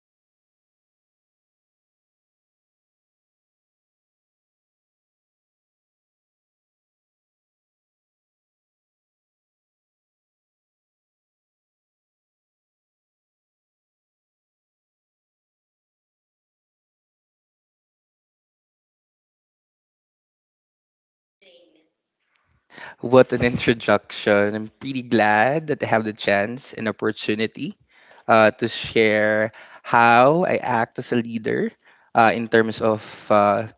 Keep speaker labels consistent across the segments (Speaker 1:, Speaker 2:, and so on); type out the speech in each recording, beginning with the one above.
Speaker 1: having a guest who has been a leader since maybe elementary, maybe high school, but yeah, a leader not in the workspace, but a leader as a head of the family. Welcome to Positive Gossip, Eugene.
Speaker 2: What an introduction. I'm pretty glad that I have the chance and opportunity to share how I act as a leader in terms of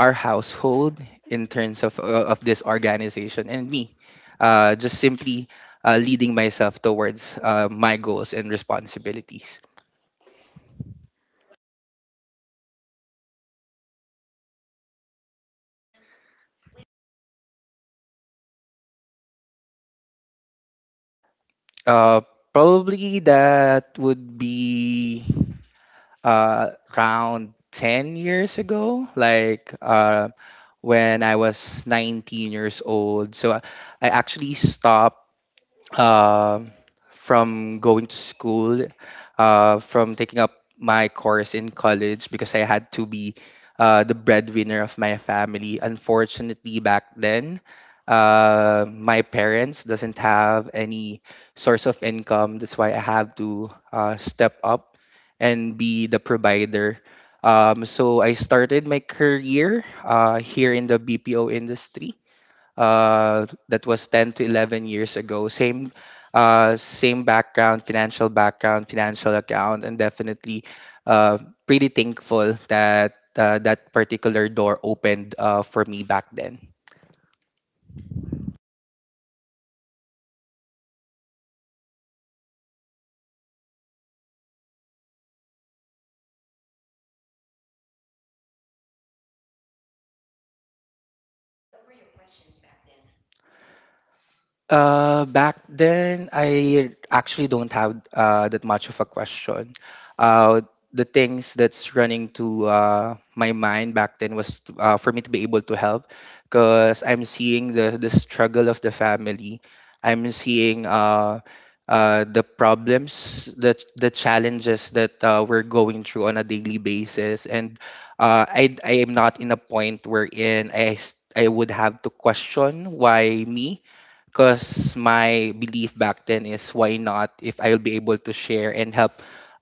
Speaker 2: our household, in terms of this organization, and me. Just simply leading myself towards my goals and responsibilities.
Speaker 1: Welcome, welcome, Eugene. My first question, Eugene, when did you start being the head of the family?
Speaker 2: Uh, Probably that would be uh, around 10 years ago, like when I was 19 years old. So I actually stopped uh, from going to school, from taking up my course in college because I had to be the breadwinner of my family. Unfortunately, back then, my parents doesn't have any source of income. That's why I have to step up and be the provider. So I started my career here in the BPO industry that was 10 to 11 years ago. Same background, financial account, and definitely uh, pretty thankful that that particular door opened for me back then.
Speaker 1: Wow, as early as 19 years old. Was there a hesitation? Was there why me? Why do I need to do this? Why do I need to do that? What were your questions back then?
Speaker 2: Back then, I actually don't have that much of a question. Uh, the things that's running to my mind back then was to, for me to be able to help because I'm seeing the struggle of the family. I'm seeing the problems, the challenges that we're going through on a daily basis. And I am not in a point wherein I would have to question why me because my belief back then is why not. If I'll be able to share and help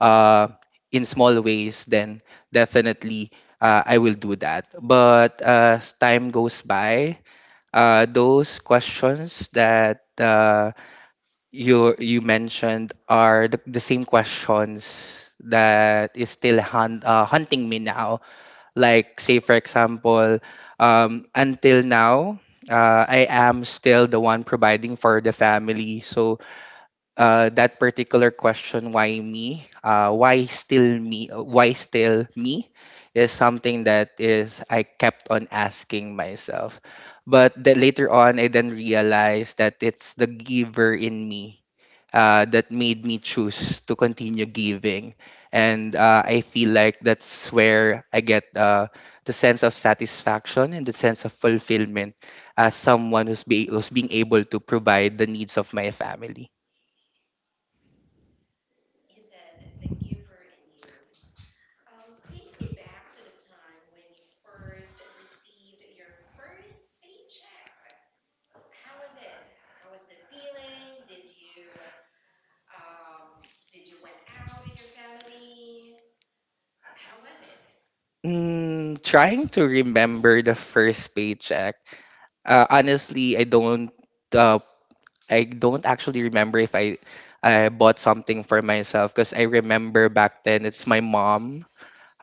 Speaker 2: uh, in small ways, then definitely I will do that. But as time goes by, those questions that you mentioned are the same questions that is still hunting me now. Like, say, for example, until now, I am still the one providing for the family. So, that particular question, why me? Why still me? Why still me? Is something that is I kept on asking myself. But then later on, I then realized that it's the giver in me that made me choose to continue giving. And I feel like that's where I get the sense of satisfaction and the sense of fulfillment as someone who's, who's being able to provide the needs of my family.
Speaker 1: You said the giver in you. Take me back to the time when you first received your first paycheck. How was it? How was the feeling? Did you went out with your family? How was it?
Speaker 2: Mm, trying to remember the first paycheck. Honestly, I don't. Uh, I don't actually remember if I bought something for myself because I remember back then it's my mom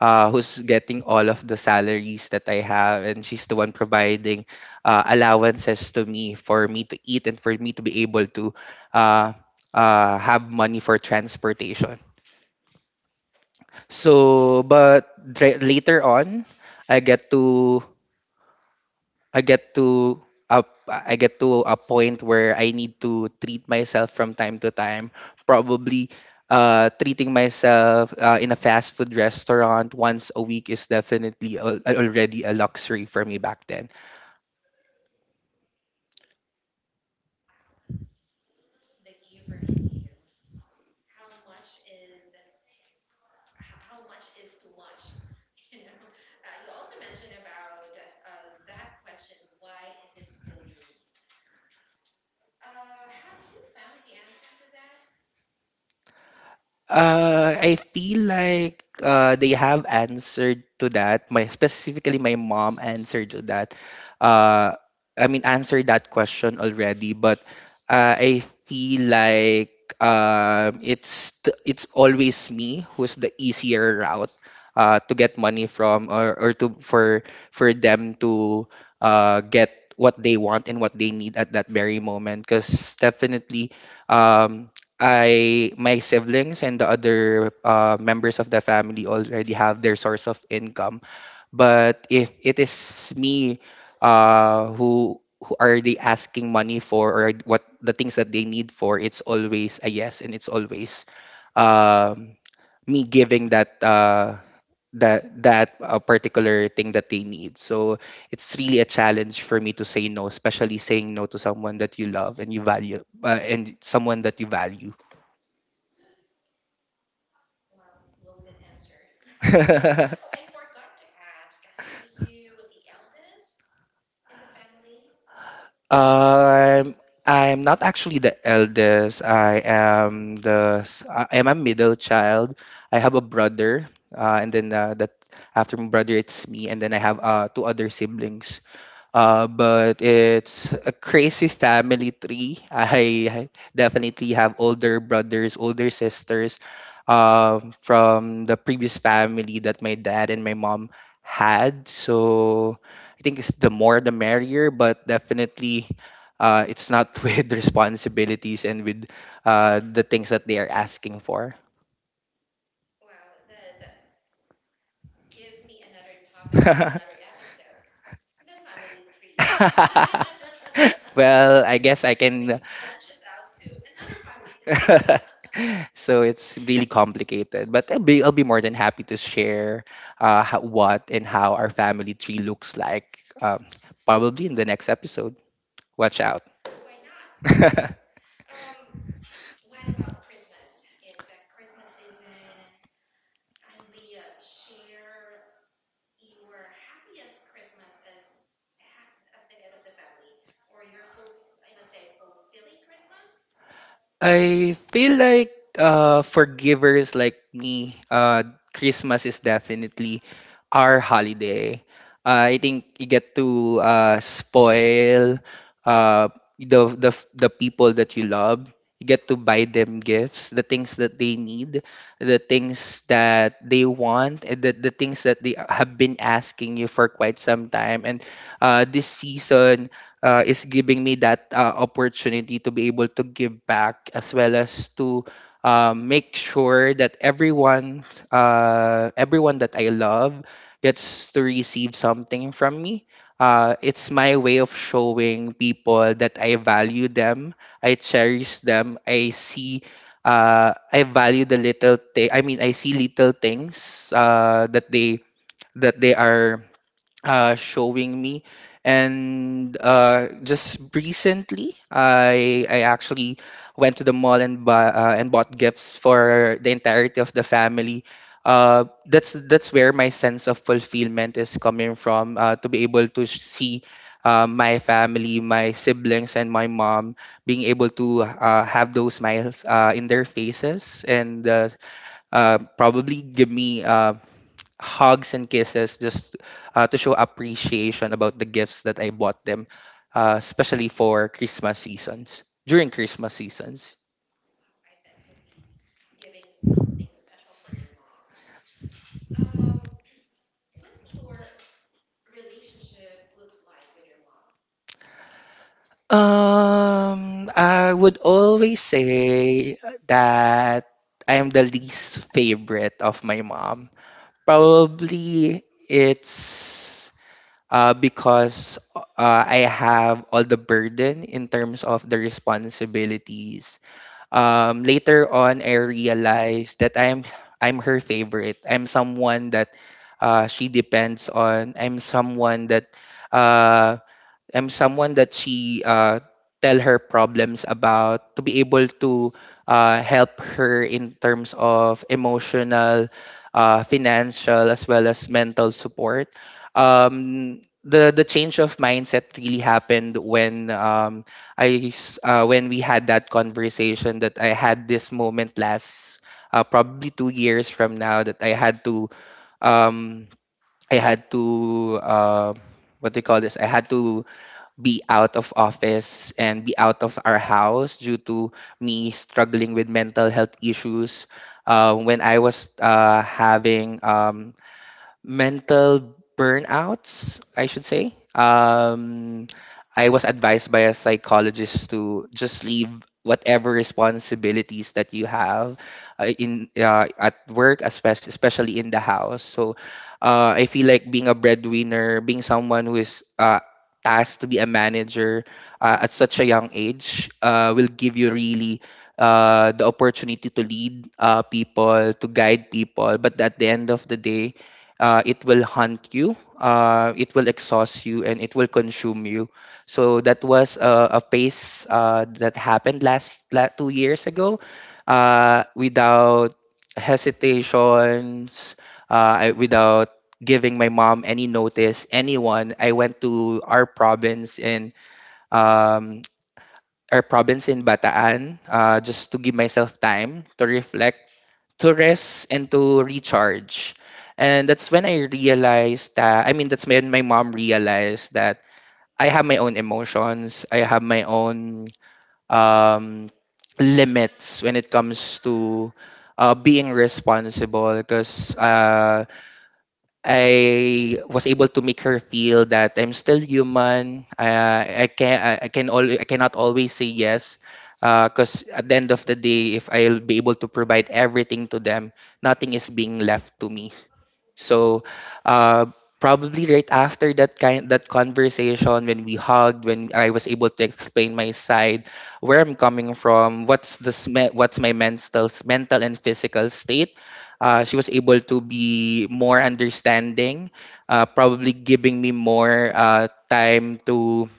Speaker 2: who's getting all of the salaries that I have, and she's the one providing allowances to me for me to eat and for me to be able to uh, have money for transportation. So, but later on, I get to I get to I get to a point where I need to treat myself from time to time. Probably treating myself in a fast food restaurant once a week is definitely already a luxury for me back then.
Speaker 1: Wow, the giver in you. How much is how much is too much? You know, you also mentioned about that question. Why is it still me? Have you found the answer to that?
Speaker 2: I feel like they have answered to that. My specifically, my mom answered to that. Uh, I mean, answered that question already. But I feel like it's always me who's the easier route to get money from, or to for them to get what they want and what they need at that very moment. Because definitely. Um, I my siblings and the other members of the family already have their source of income. But if it is me who are they asking money for or what the things that they need for, it's always a yes and it's always um, me giving that particular thing that they need. So it's really a challenge for me to say no, especially saying no to someone that you love and you value and someone that you value.
Speaker 1: Wow, loaded answer. Oh, I forgot to ask. Are you the eldest in the family?
Speaker 2: Um, I'm not actually the eldest. I am I am a middle child. I have a brother, and then that after my brother, it's me, and then I have two other siblings. But it's a crazy family tree. I definitely have older brothers, older sisters from the previous family that my dad and my mom had. So I think it's the more the merrier, but definitely it's not with responsibilities and with the things that they are asking for.
Speaker 1: Wow, that gives me another topic for another episode. The family tree,
Speaker 2: Well, I guess I. Which can.
Speaker 1: which branches out to another family tree.
Speaker 2: Tree. So it's really complicated, but I'll be more than happy to share what and how our family tree looks like. Probably in the next episode. Watch out.
Speaker 1: Why not? Why not? Um, what about Christmas? It's a Christmas season. Kindly share your happiest Christmas as a ha- as the head of the family, or your full I must say fulfilling Christmas.
Speaker 2: I feel like for givers like me, Christmas is definitely our holiday. I think you get to spoil uh, the, the the people that you love. You get to buy them gifts, the things that they need, the things that they want, and the things that they have been asking you for quite some time. And this season is giving me that opportunity to be able to give back as well as to make sure that everyone, everyone that I love gets to receive something from me. It's my way of showing people that I value them, I cherish them, I value the little thing. I mean, I see little things that they are showing me. And just recently, I actually went to the mall and bought gifts for the entirety of the family. That's where my sense of fulfillment is coming from. To be able to see my family, my siblings, and my mom being able to have those smiles in their faces and probably give me hugs and kisses just to show appreciation about the gifts that I bought them, especially for Christmas seasons, during Christmas seasons.
Speaker 1: Wow, I bet you'll be giving something special for your mom. Um, what's your relationship looks like with your mom?
Speaker 2: I would always say that I am the least favorite of my mom. Probably it's because I have all the burden in terms of the responsibilities. Later on I realized that I'm her favorite. I'm someone that she depends on. I'm someone that uh, she tell her problems about to be able to help her in terms of emotional, financial, as well as mental support. The change of mindset really happened when when we had that conversation, that I had this moment last, probably 2 years from now, that I had to um, I had to uh, what do you call this? I had to be out of office and be out of our house due to me struggling with mental health issues. When I was having mental burnouts, I should say. I was advised by a psychologist to just leave whatever responsibilities that you have in at work, especially in the house. So I feel like being a breadwinner, being someone who is tasked to be a manager at such a young age, will give you really the opportunity to lead people, to guide people. But at the end of the day, it will hunt you, it will exhaust you, and it will consume you. So that was a phase that happened 2 years ago. Without hesitations, without giving my mom any notice, anyone, I went to um, our province in Bataan just to give myself time to reflect, to rest and to recharge. And that's when I realized that, I mean, that's when my mom realized that I have my own emotions, I have my own um limits when it comes to being responsible because I was able to make her feel that I'm still human. I cannot always say yes. Because at the end of the day, if I'll be able to provide everything to them, nothing is being left to me. So uh, probably right after that conversation, when we hugged, when I was able to explain my side, where I'm coming from, what's what's my mental and physical state. She was able to be more understanding, probably giving me more time to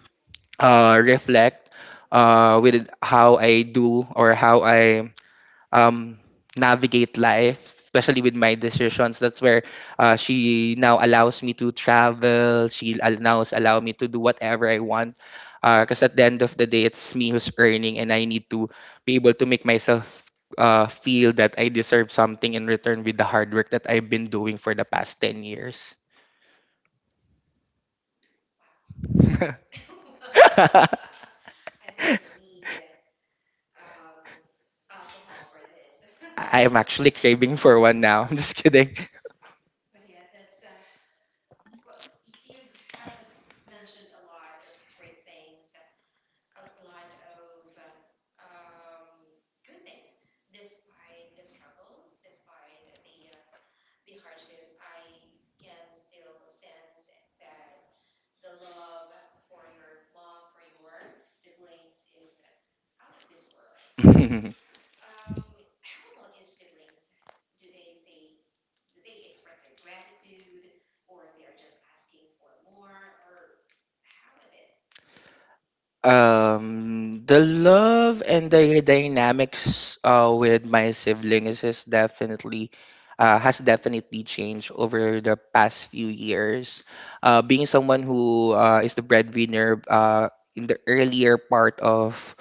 Speaker 2: reflect with how I do or how I um, navigate life, especially with my decisions. That's where she now allows me to travel. Now allow me to do whatever I want. Because at the end of the day, it's me who's earning, and I need to be able to make myself feel that I deserve something in return with the hard work that I've been doing for the past 10 years.
Speaker 1: Wow, wow. I think we need um, alcohol for this.
Speaker 2: I am actually craving for one now. I'm just kidding.
Speaker 1: But yeah, that's well, you've have mentioned a lot of great things, a lot of good things, despite the struggles, despite the the hardships. I can still sense that the love for your mom, for your siblings, is out of this world. How about your siblings? Do they say, do they express their gratitude or they are just asking for more or how was it?
Speaker 2: The love and the dynamics with my siblings is definitely changed over the past few years. Being someone who is the breadwinner in the earlier part of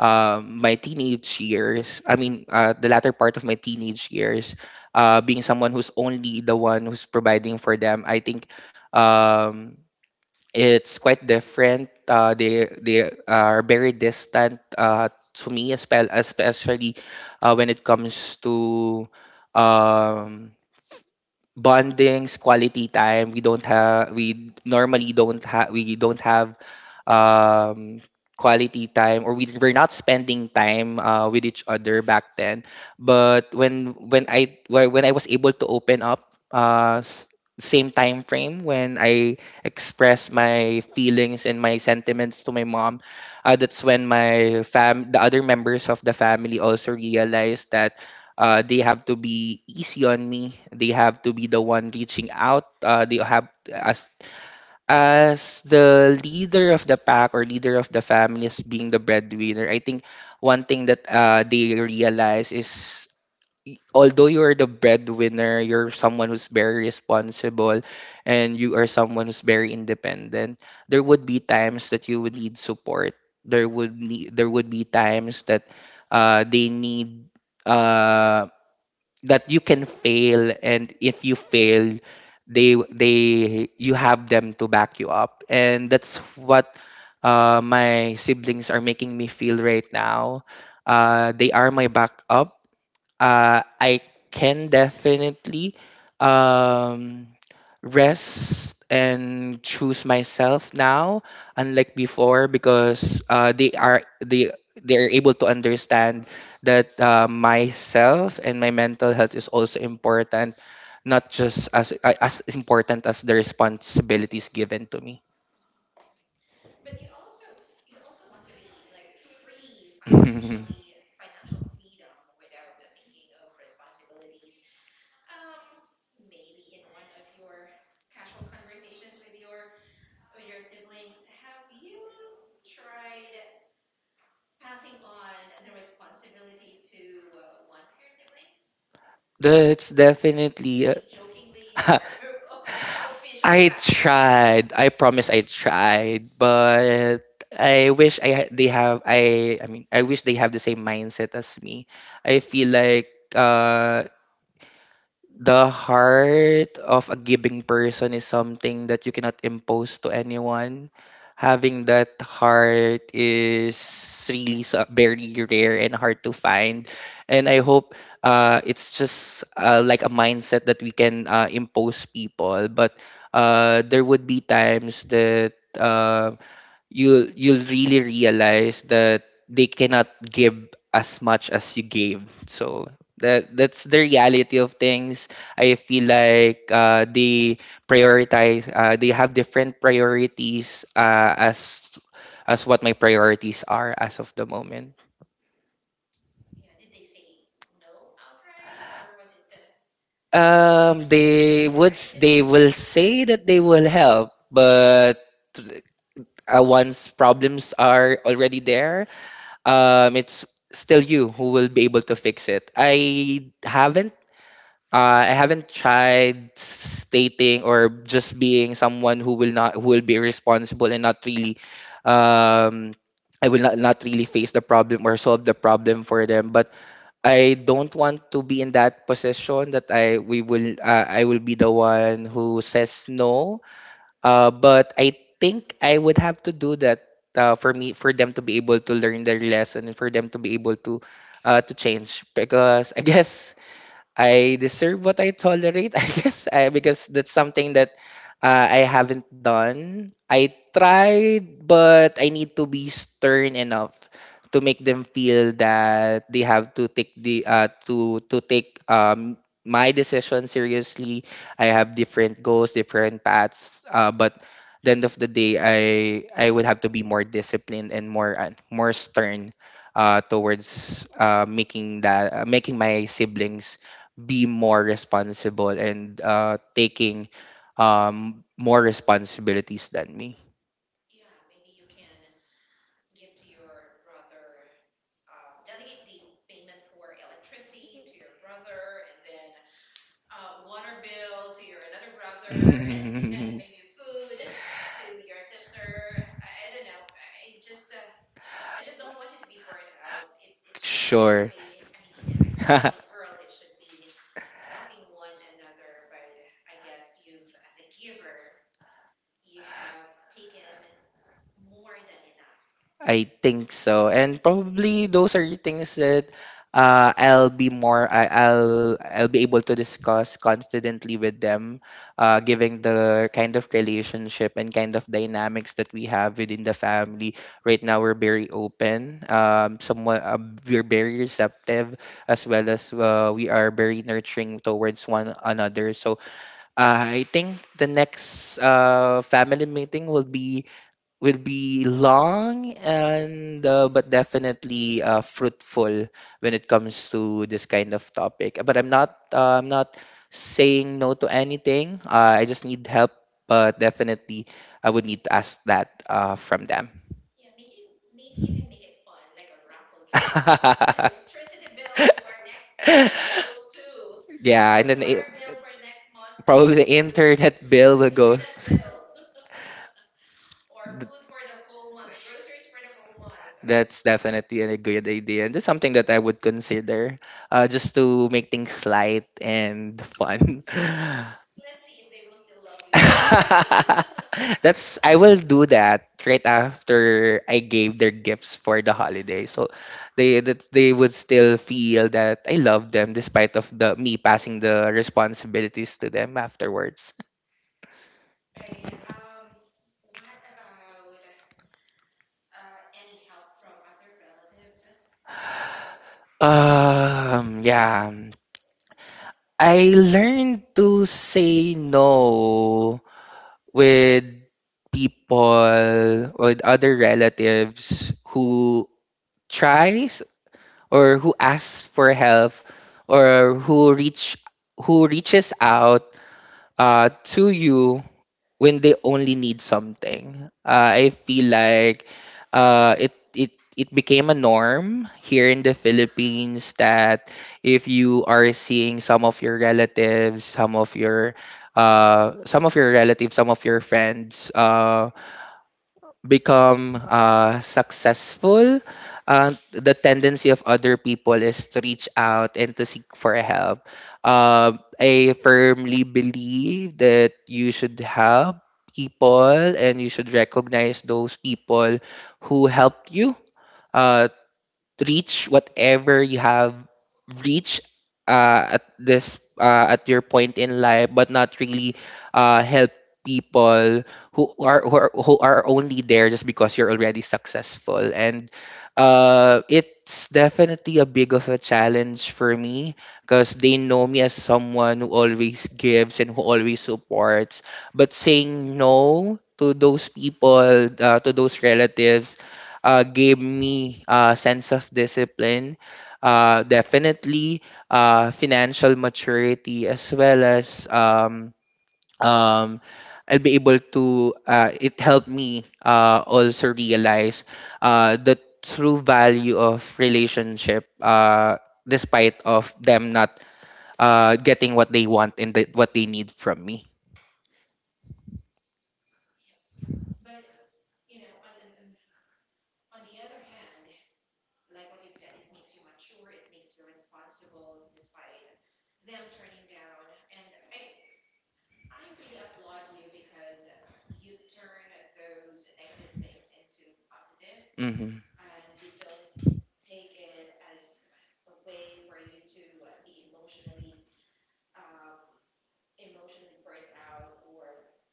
Speaker 2: my teenage years, I mean, the latter part of my teenage years, being someone who's only the one who's providing for them, I think. Um, it's quite different. Uh, they are very distant to me, as well, especially when it comes to um, bondings, quality time. We don't have we normally don't have we don't have um quality time, or we were not spending time with each other back then. But when I was able to open up same time frame when I expressed my feelings and my sentiments to my mom, that's when my fam the other members of the family also realized that they have to be easy on me. They have to be the one reaching out. They have As the leader of the pack or leader of the family, as being the breadwinner, I think one thing that they realize is although you're the breadwinner, you're someone who's very responsible and you are someone who's very independent, there would be times that you would need support. There would need, there would be times that they need uh that you can fail, and if you fail they you have them to back you up, and that's what my siblings are making me feel right now. They are my backup. I can definitely um, rest and choose myself now, unlike before, because uh, they they are able to understand that myself and my mental health is also important, not just as important as the responsibilities given to me.
Speaker 1: Hmm, hmm. But you also want to be like free financially, financial freedom without thinking of responsibilities. Um, maybe in one of your casual conversations with your siblings, have you tried passing on the responsibility to one of your siblings?
Speaker 2: That's definitely.
Speaker 1: Maybe jokingly or oh, officially
Speaker 2: I
Speaker 1: passing it on.
Speaker 2: tried. I promise I tried, but I wish I ha- they have I mean I wish they have the same mindset as me. I feel like uh the heart of a giving person is something that you cannot impose to anyone. Having that heart is very rare and hard to find. And I hope it's just like a mindset that we can impose people. But there would be times that uh, you'll really realize that they cannot give as much as you gave. So that's the reality of things. I feel like they prioritize. They have different priorities as what my priorities are as of the moment.
Speaker 1: Yeah, did they say no outright or was it
Speaker 2: Um,
Speaker 1: they
Speaker 2: they would s-
Speaker 1: tried?
Speaker 2: they will say that they will help, but once problems are already there, it's still you who will be able to fix it. I haven't tried stating, or just being someone who will not, who will be responsible and not really um, I will not, not really face the problem or solve the problem for them. But I don't want to be in that position that I will be the one who says no, but I think I would have to do that for me, for them to be able to learn their lesson and for them to be able to change, because I guess I deserve what I tolerate, I guess, because that's something that I haven't done. I tried, but I need to be stern enough to make them feel that they have to take the to take my decision seriously. I have different goals, different paths, but the end of the day, I would have to be more disciplined and more more stern towards making my siblings be more responsible and taking more responsibilities than me.
Speaker 1: Yeah, maybe you can give to your brother, delegate the payment for electricity to your brother, and then water bill to your another brother, and then maybe food to your sister. I don't know, I just don't want you to be burned out. It should
Speaker 2: Sure.
Speaker 1: be, I mean, in an ideal world, it should be helping one another, but I guess you've as a giver, you have taken more than enough.
Speaker 2: I think so. And probably those are the things that I'll be more I, I'll be able to discuss confidently with them, giving the kind of relationship and kind of dynamics that we have within the family. Right now, we're very open. Somewhat We're very receptive, as well as we are very nurturing towards one another. So I think the next family meeting will be long and but definitely fruitful when it comes to this kind of topic. But I'm not saying no to anything. I just need help, but definitely I would need to ask that from them.
Speaker 1: Yeah, maybe maybe you can make it fun like a raffle draw. Electricity bill for next month goes to
Speaker 2: Yeah,
Speaker 1: or
Speaker 2: and then
Speaker 1: water
Speaker 2: it,
Speaker 1: bill for next month
Speaker 2: probably
Speaker 1: goes
Speaker 2: the
Speaker 1: to
Speaker 2: internet bill will go.
Speaker 1: internet bill. Or food for the whole month, groceries for the whole month.
Speaker 2: That's definitely a good idea. And that's something that I would consider, just to make things light and fun.
Speaker 1: Let's see if they will still love you after that.
Speaker 2: That's I will do that right after I gave their gifts for the holiday. So they, that they would still feel that I love them, despite of the me passing the responsibilities to them afterwards.
Speaker 1: Right. What about any help from other relatives?
Speaker 2: Yeah. I learned to say no with people, or with other relatives who tries, or who asks for help, or who reaches out to you when they only need something. I feel like uh, it it became a norm here in the Philippines that if you are seeing some of your relatives, some of your relatives, some of your friends become successful, the tendency of other people is to reach out and to seek for help. I firmly believe that you should help people and you should recognize those people who helped you. Uh, Reach whatever you have reached at your point in life, but not really help people who are only there just because you're already successful. And it's definitely a big of a challenge for me, because they know me as someone who always gives and who always supports. But saying no to those people, to those relatives, gave me a sense of discipline, definitely financial maturity, as well as um, I'll be able to, it helped me also realize the true value of relationship, despite of them not getting what they want and what they need from me.
Speaker 1: Yep, yep. But you know, on the other hand, like what you've said, it makes you mature, it makes you responsible despite them turning down. And I really applaud you because you turn those negative things into positive
Speaker 2: Mm-hmm.
Speaker 1: and you don't take it as a way for you to be emotionally um, emotionally burnt out or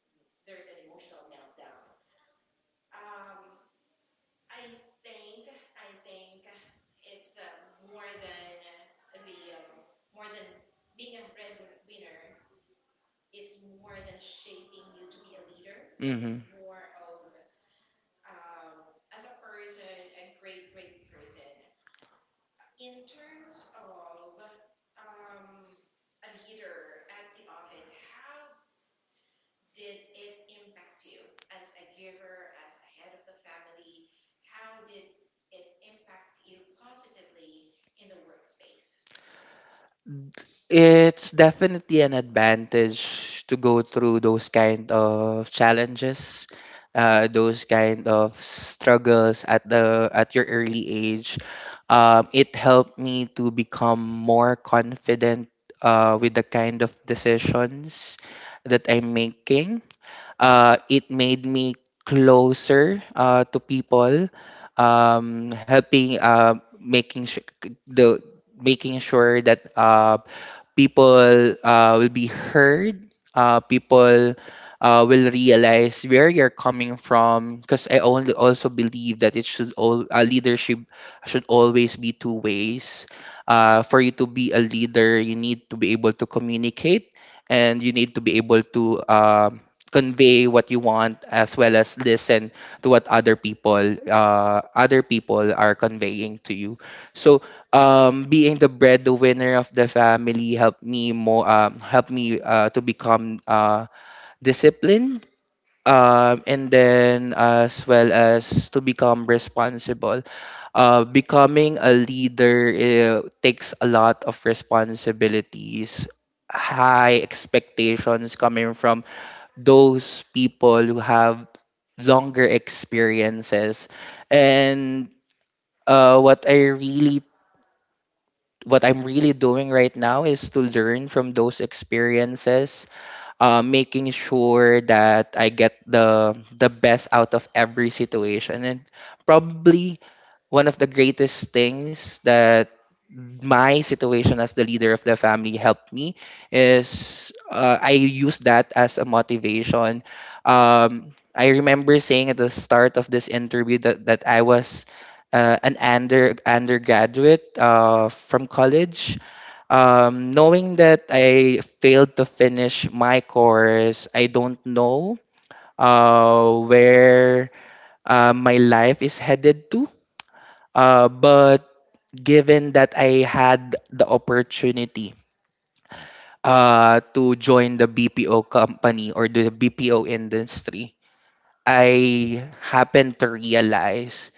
Speaker 1: there's an emotional meltdown. Um, I think I think it's more than the more than being a breadwinner. It's more than shaping you to be a leader. It is
Speaker 2: Mm-hmm.
Speaker 1: more of as a person, a great great person. In terms of um, a leader at the office, how did it impact you as a giver, as a head of the family? How did it impact you positively in the workspace?
Speaker 2: It's definitely an advantage to go through those kind of challenges, those kind of struggles at the at your early age. It helped me to become more confident with the kind of decisions that I'm making. It made me closer to people, helping the making sure that people will be heard. People will realize where you're coming from. Because I only also believe that it should all leadership should always be two ways. For you to be a leader, you need to be able to communicate, and you need to be able to convey what you want, as well as listen to what other people are conveying to you. So being the breadwinner of the family helped me to become disciplined, and then as well as to become responsible. Becoming a leader takes a lot of responsibilities, high expectations coming from those people who have longer experiences. And what I really, what I'm really doing right now is to learn from those experiences, making sure that I get the best out of every situation, and probably one of the greatest things that my situation as the leader of the family helped me is I use that as a motivation. I remember saying at the start of this interview that, that I was undergraduate from college. Knowing that I failed to finish my course, I don't know where my life is headed to. But given that I had the opportunity to join the BPO company or the BPO industry, I happened to realize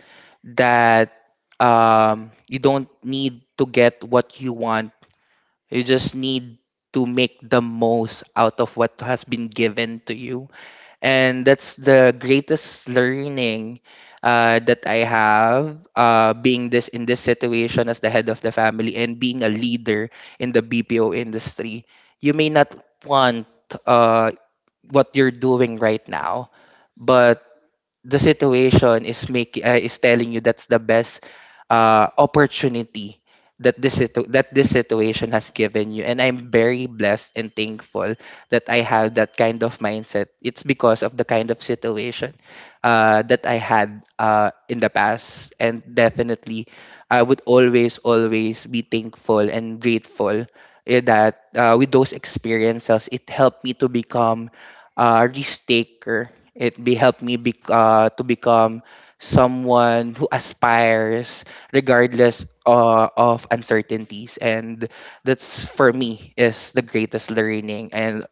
Speaker 2: that you don't need to get what you want. You just need to make the most out of what has been given to you, and that's the greatest learning that I have, being this in this situation as the head of the family and being a leader in the BPO industry. You may not want uh, what you're doing right now, but the situation is making is telling you that's the best opportunity that this situation has given you, and I'm very blessed and thankful that I have that kind of mindset. It's because of the kind of situation that I had in the past, and definitely I would always always be thankful and grateful, that with those experiences, it helped me to become risk taker. It be helped me to become someone who aspires, regardless of uncertainties, and that's for me is the greatest learning, and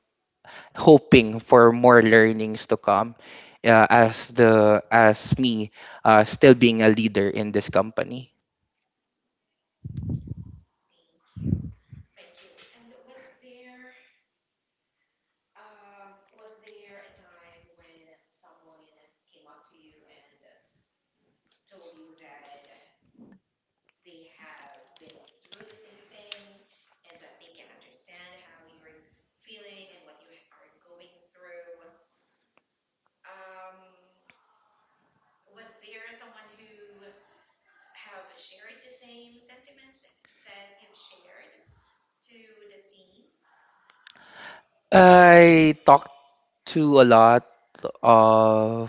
Speaker 2: hoping for more learnings to come. As the as me Still being a leader in this company.
Speaker 1: Thank you. Thank you. And was there a time when someone came up to you and told you that they have been through the same thing and that they can understand how you're feeling and what you are going through? Um was there someone who have shared the same sentiments that you've shared to the team?
Speaker 2: I talked to a lot of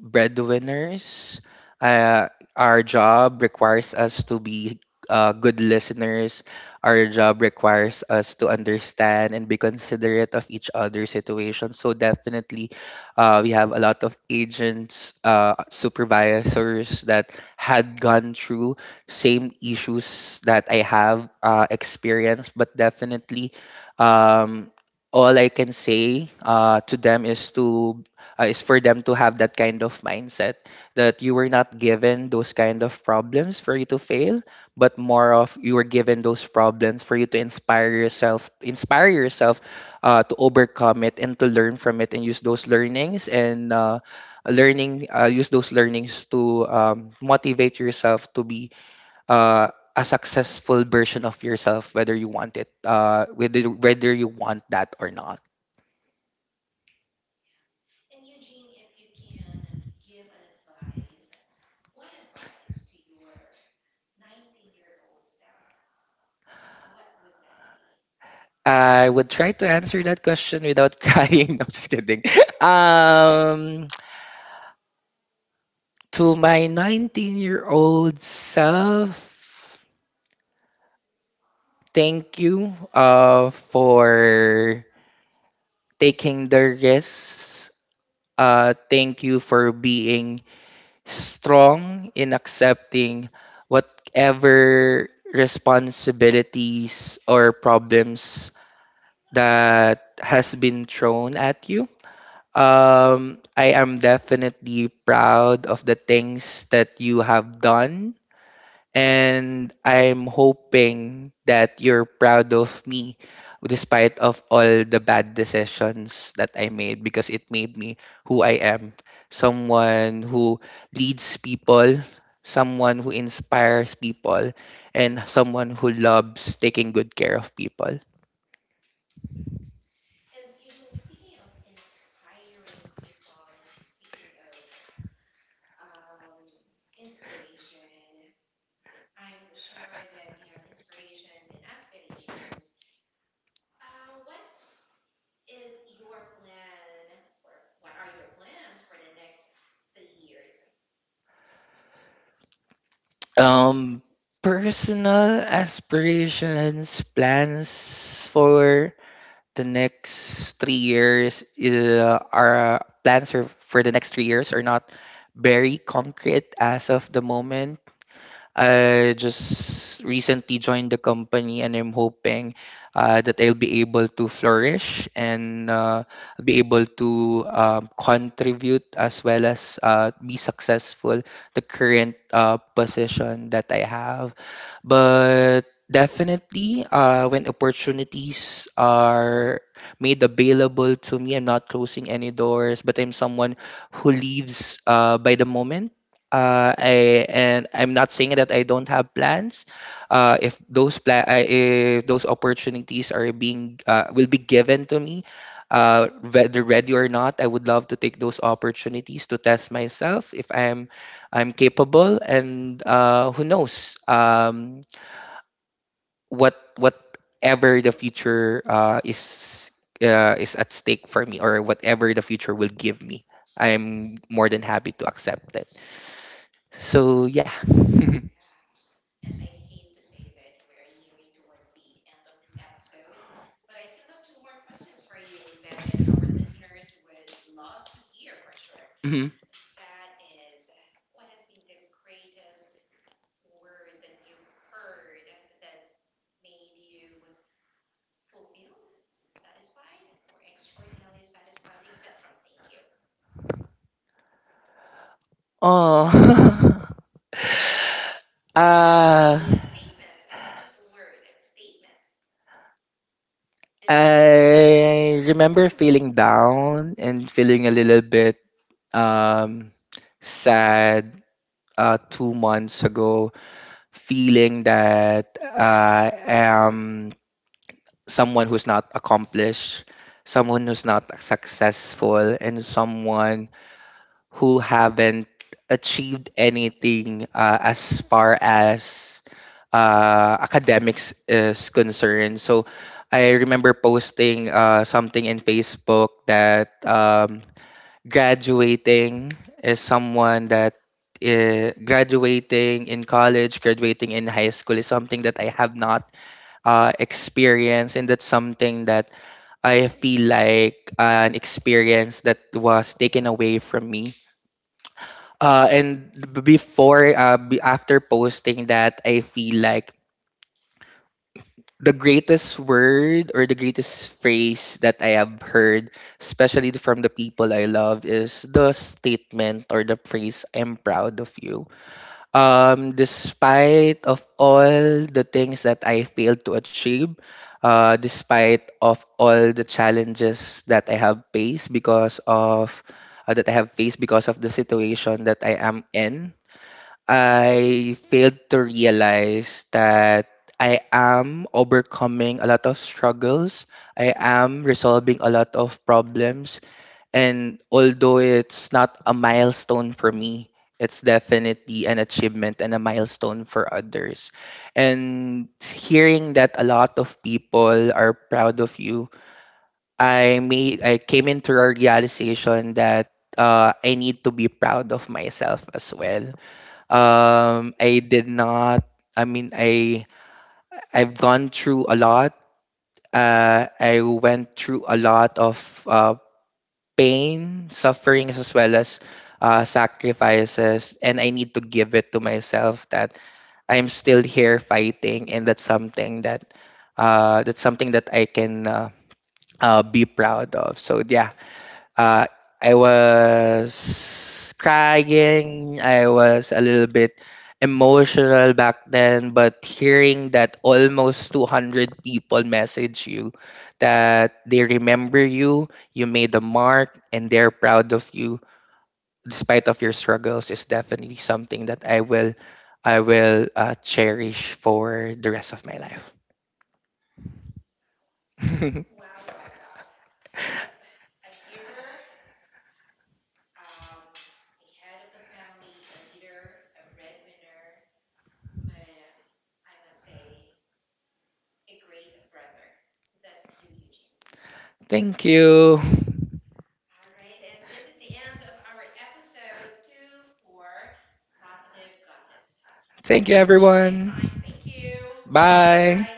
Speaker 2: breadwinners. Uh, our job requires us to be good listeners. Our job requires us to understand and be considerate of each other's situation. So definitely, we have a lot of agents, supervisors that had gone through same issues that I have experienced, but definitely. Um, all I can say to them is to is for them to have that kind of mindset, that you were not given those kind of problems for you to fail, but more of you were given those problems for you to inspire yourself to overcome it and to learn from it and use those learnings, and learning use those learnings to motivate yourself to be uh, a successful version of yourself, whether you want it, whether you want that or not.
Speaker 1: Yep. And Eugene, if you can give an advice, one advice to your 19-year-old self, what would that be?
Speaker 2: I would try to answer that question without crying. No, I'm just kidding. Um, to my 19-year-old self, thank you for taking the risk. Thank you for being strong in accepting whatever responsibilities or problems that has been thrown at you. I am definitely proud of the things that you have done, and I'm hoping that you're proud of me despite of all the bad decisions that I made, because it made me who I am, someone who leads people, someone who inspires people, and someone who loves taking good care of people.
Speaker 1: Wow. And Eugene, in speaking of inspiring people, in speaking of um, inspiration, I'm sure that you have inspirations and aspirations. What is your plan or what are your plans for the next 3 years?
Speaker 2: Um Personal aspirations, plans for the next 3 years, for the next 3 years are not very concrete as of the moment. I just recently joined the company, and I'm hoping that I'll be able to flourish, and I'll be able to contribute, as well as be successful the current position that I have. But definitely, when opportunities are made available to me, I'm not closing any doors, but I'm someone who leaves by the moment. Uh, I and I'm not saying that I don't have plans. If those opportunities are being will be given to me, whether ready or not, I would love to take those opportunities to test myself if I'm capable. And who knows? Whatever the future is at stake for me, or whatever the future will give me, I'm more than happy to accept it. So yeah.
Speaker 1: Yeah. And I hate to say that we are nearing towards the end of this episode, but I still have two more questions for you that our listeners would love to hear for sure.
Speaker 2: hmm
Speaker 1: That is, what has been the greatest word that you've heard that made you fulfilled, satisfied, or extraordinarily satisfied, except from thank you?
Speaker 2: oh
Speaker 1: Or maybe
Speaker 2: uh
Speaker 1: a statement, not just a word, statement besides thank you.
Speaker 2: I remember feeling down and feeling a little bit um sad 2 months ago, feeling that I am someone who's not accomplished, someone who's not successful, and someone who haven't achieved anything as far as academics is concerned. So I remember posting something in Facebook that graduating is someone that graduating in college, graduating in high school is something that I have not experienced, and that's something that I feel like an experience that was taken away from me. And b- before, b- After posting that, I feel like the greatest word or the greatest phrase that I have heard, especially from the people I love, is the statement or the phrase, "I'm proud of you." Despite of all the things that I failed to achieve, despite of all the challenges that I have faced because of that I have faced because of the situation that I am in, I failed to realize that I am overcoming a lot of struggles. I am resolving a lot of problems. And although it's not a milestone for me, it's definitely an achievement and a milestone for others. And hearing that a lot of people are proud of you, I came into a realization that I need to be proud of myself as well. I did not. I mean, I I've gone through a lot. I went through a lot of uh, pain, sufferings, as well as sacrifices, and I need to give it to myself that I'm still here fighting, and that's something that I can be proud of. So yeah, uh, I was crying. I was a little bit emotional back then, but hearing that almost 200 people message you that they remember you, you made a mark, and they're proud of you despite of your struggles is definitely something that I will cherish for the rest of my life.
Speaker 1: Wow. Wow, wow, wow. Yep. A giver, um, a head of the family, a leader, a breadwinner, but I must say, a great brother. That's you, Eugene.
Speaker 2: Thank you.
Speaker 1: All right. And this is the end of our episode two for positive gossips.
Speaker 2: Thank you
Speaker 1: See you next time.
Speaker 2: everyone.
Speaker 1: Thank you.
Speaker 2: Bye.
Speaker 1: Bye.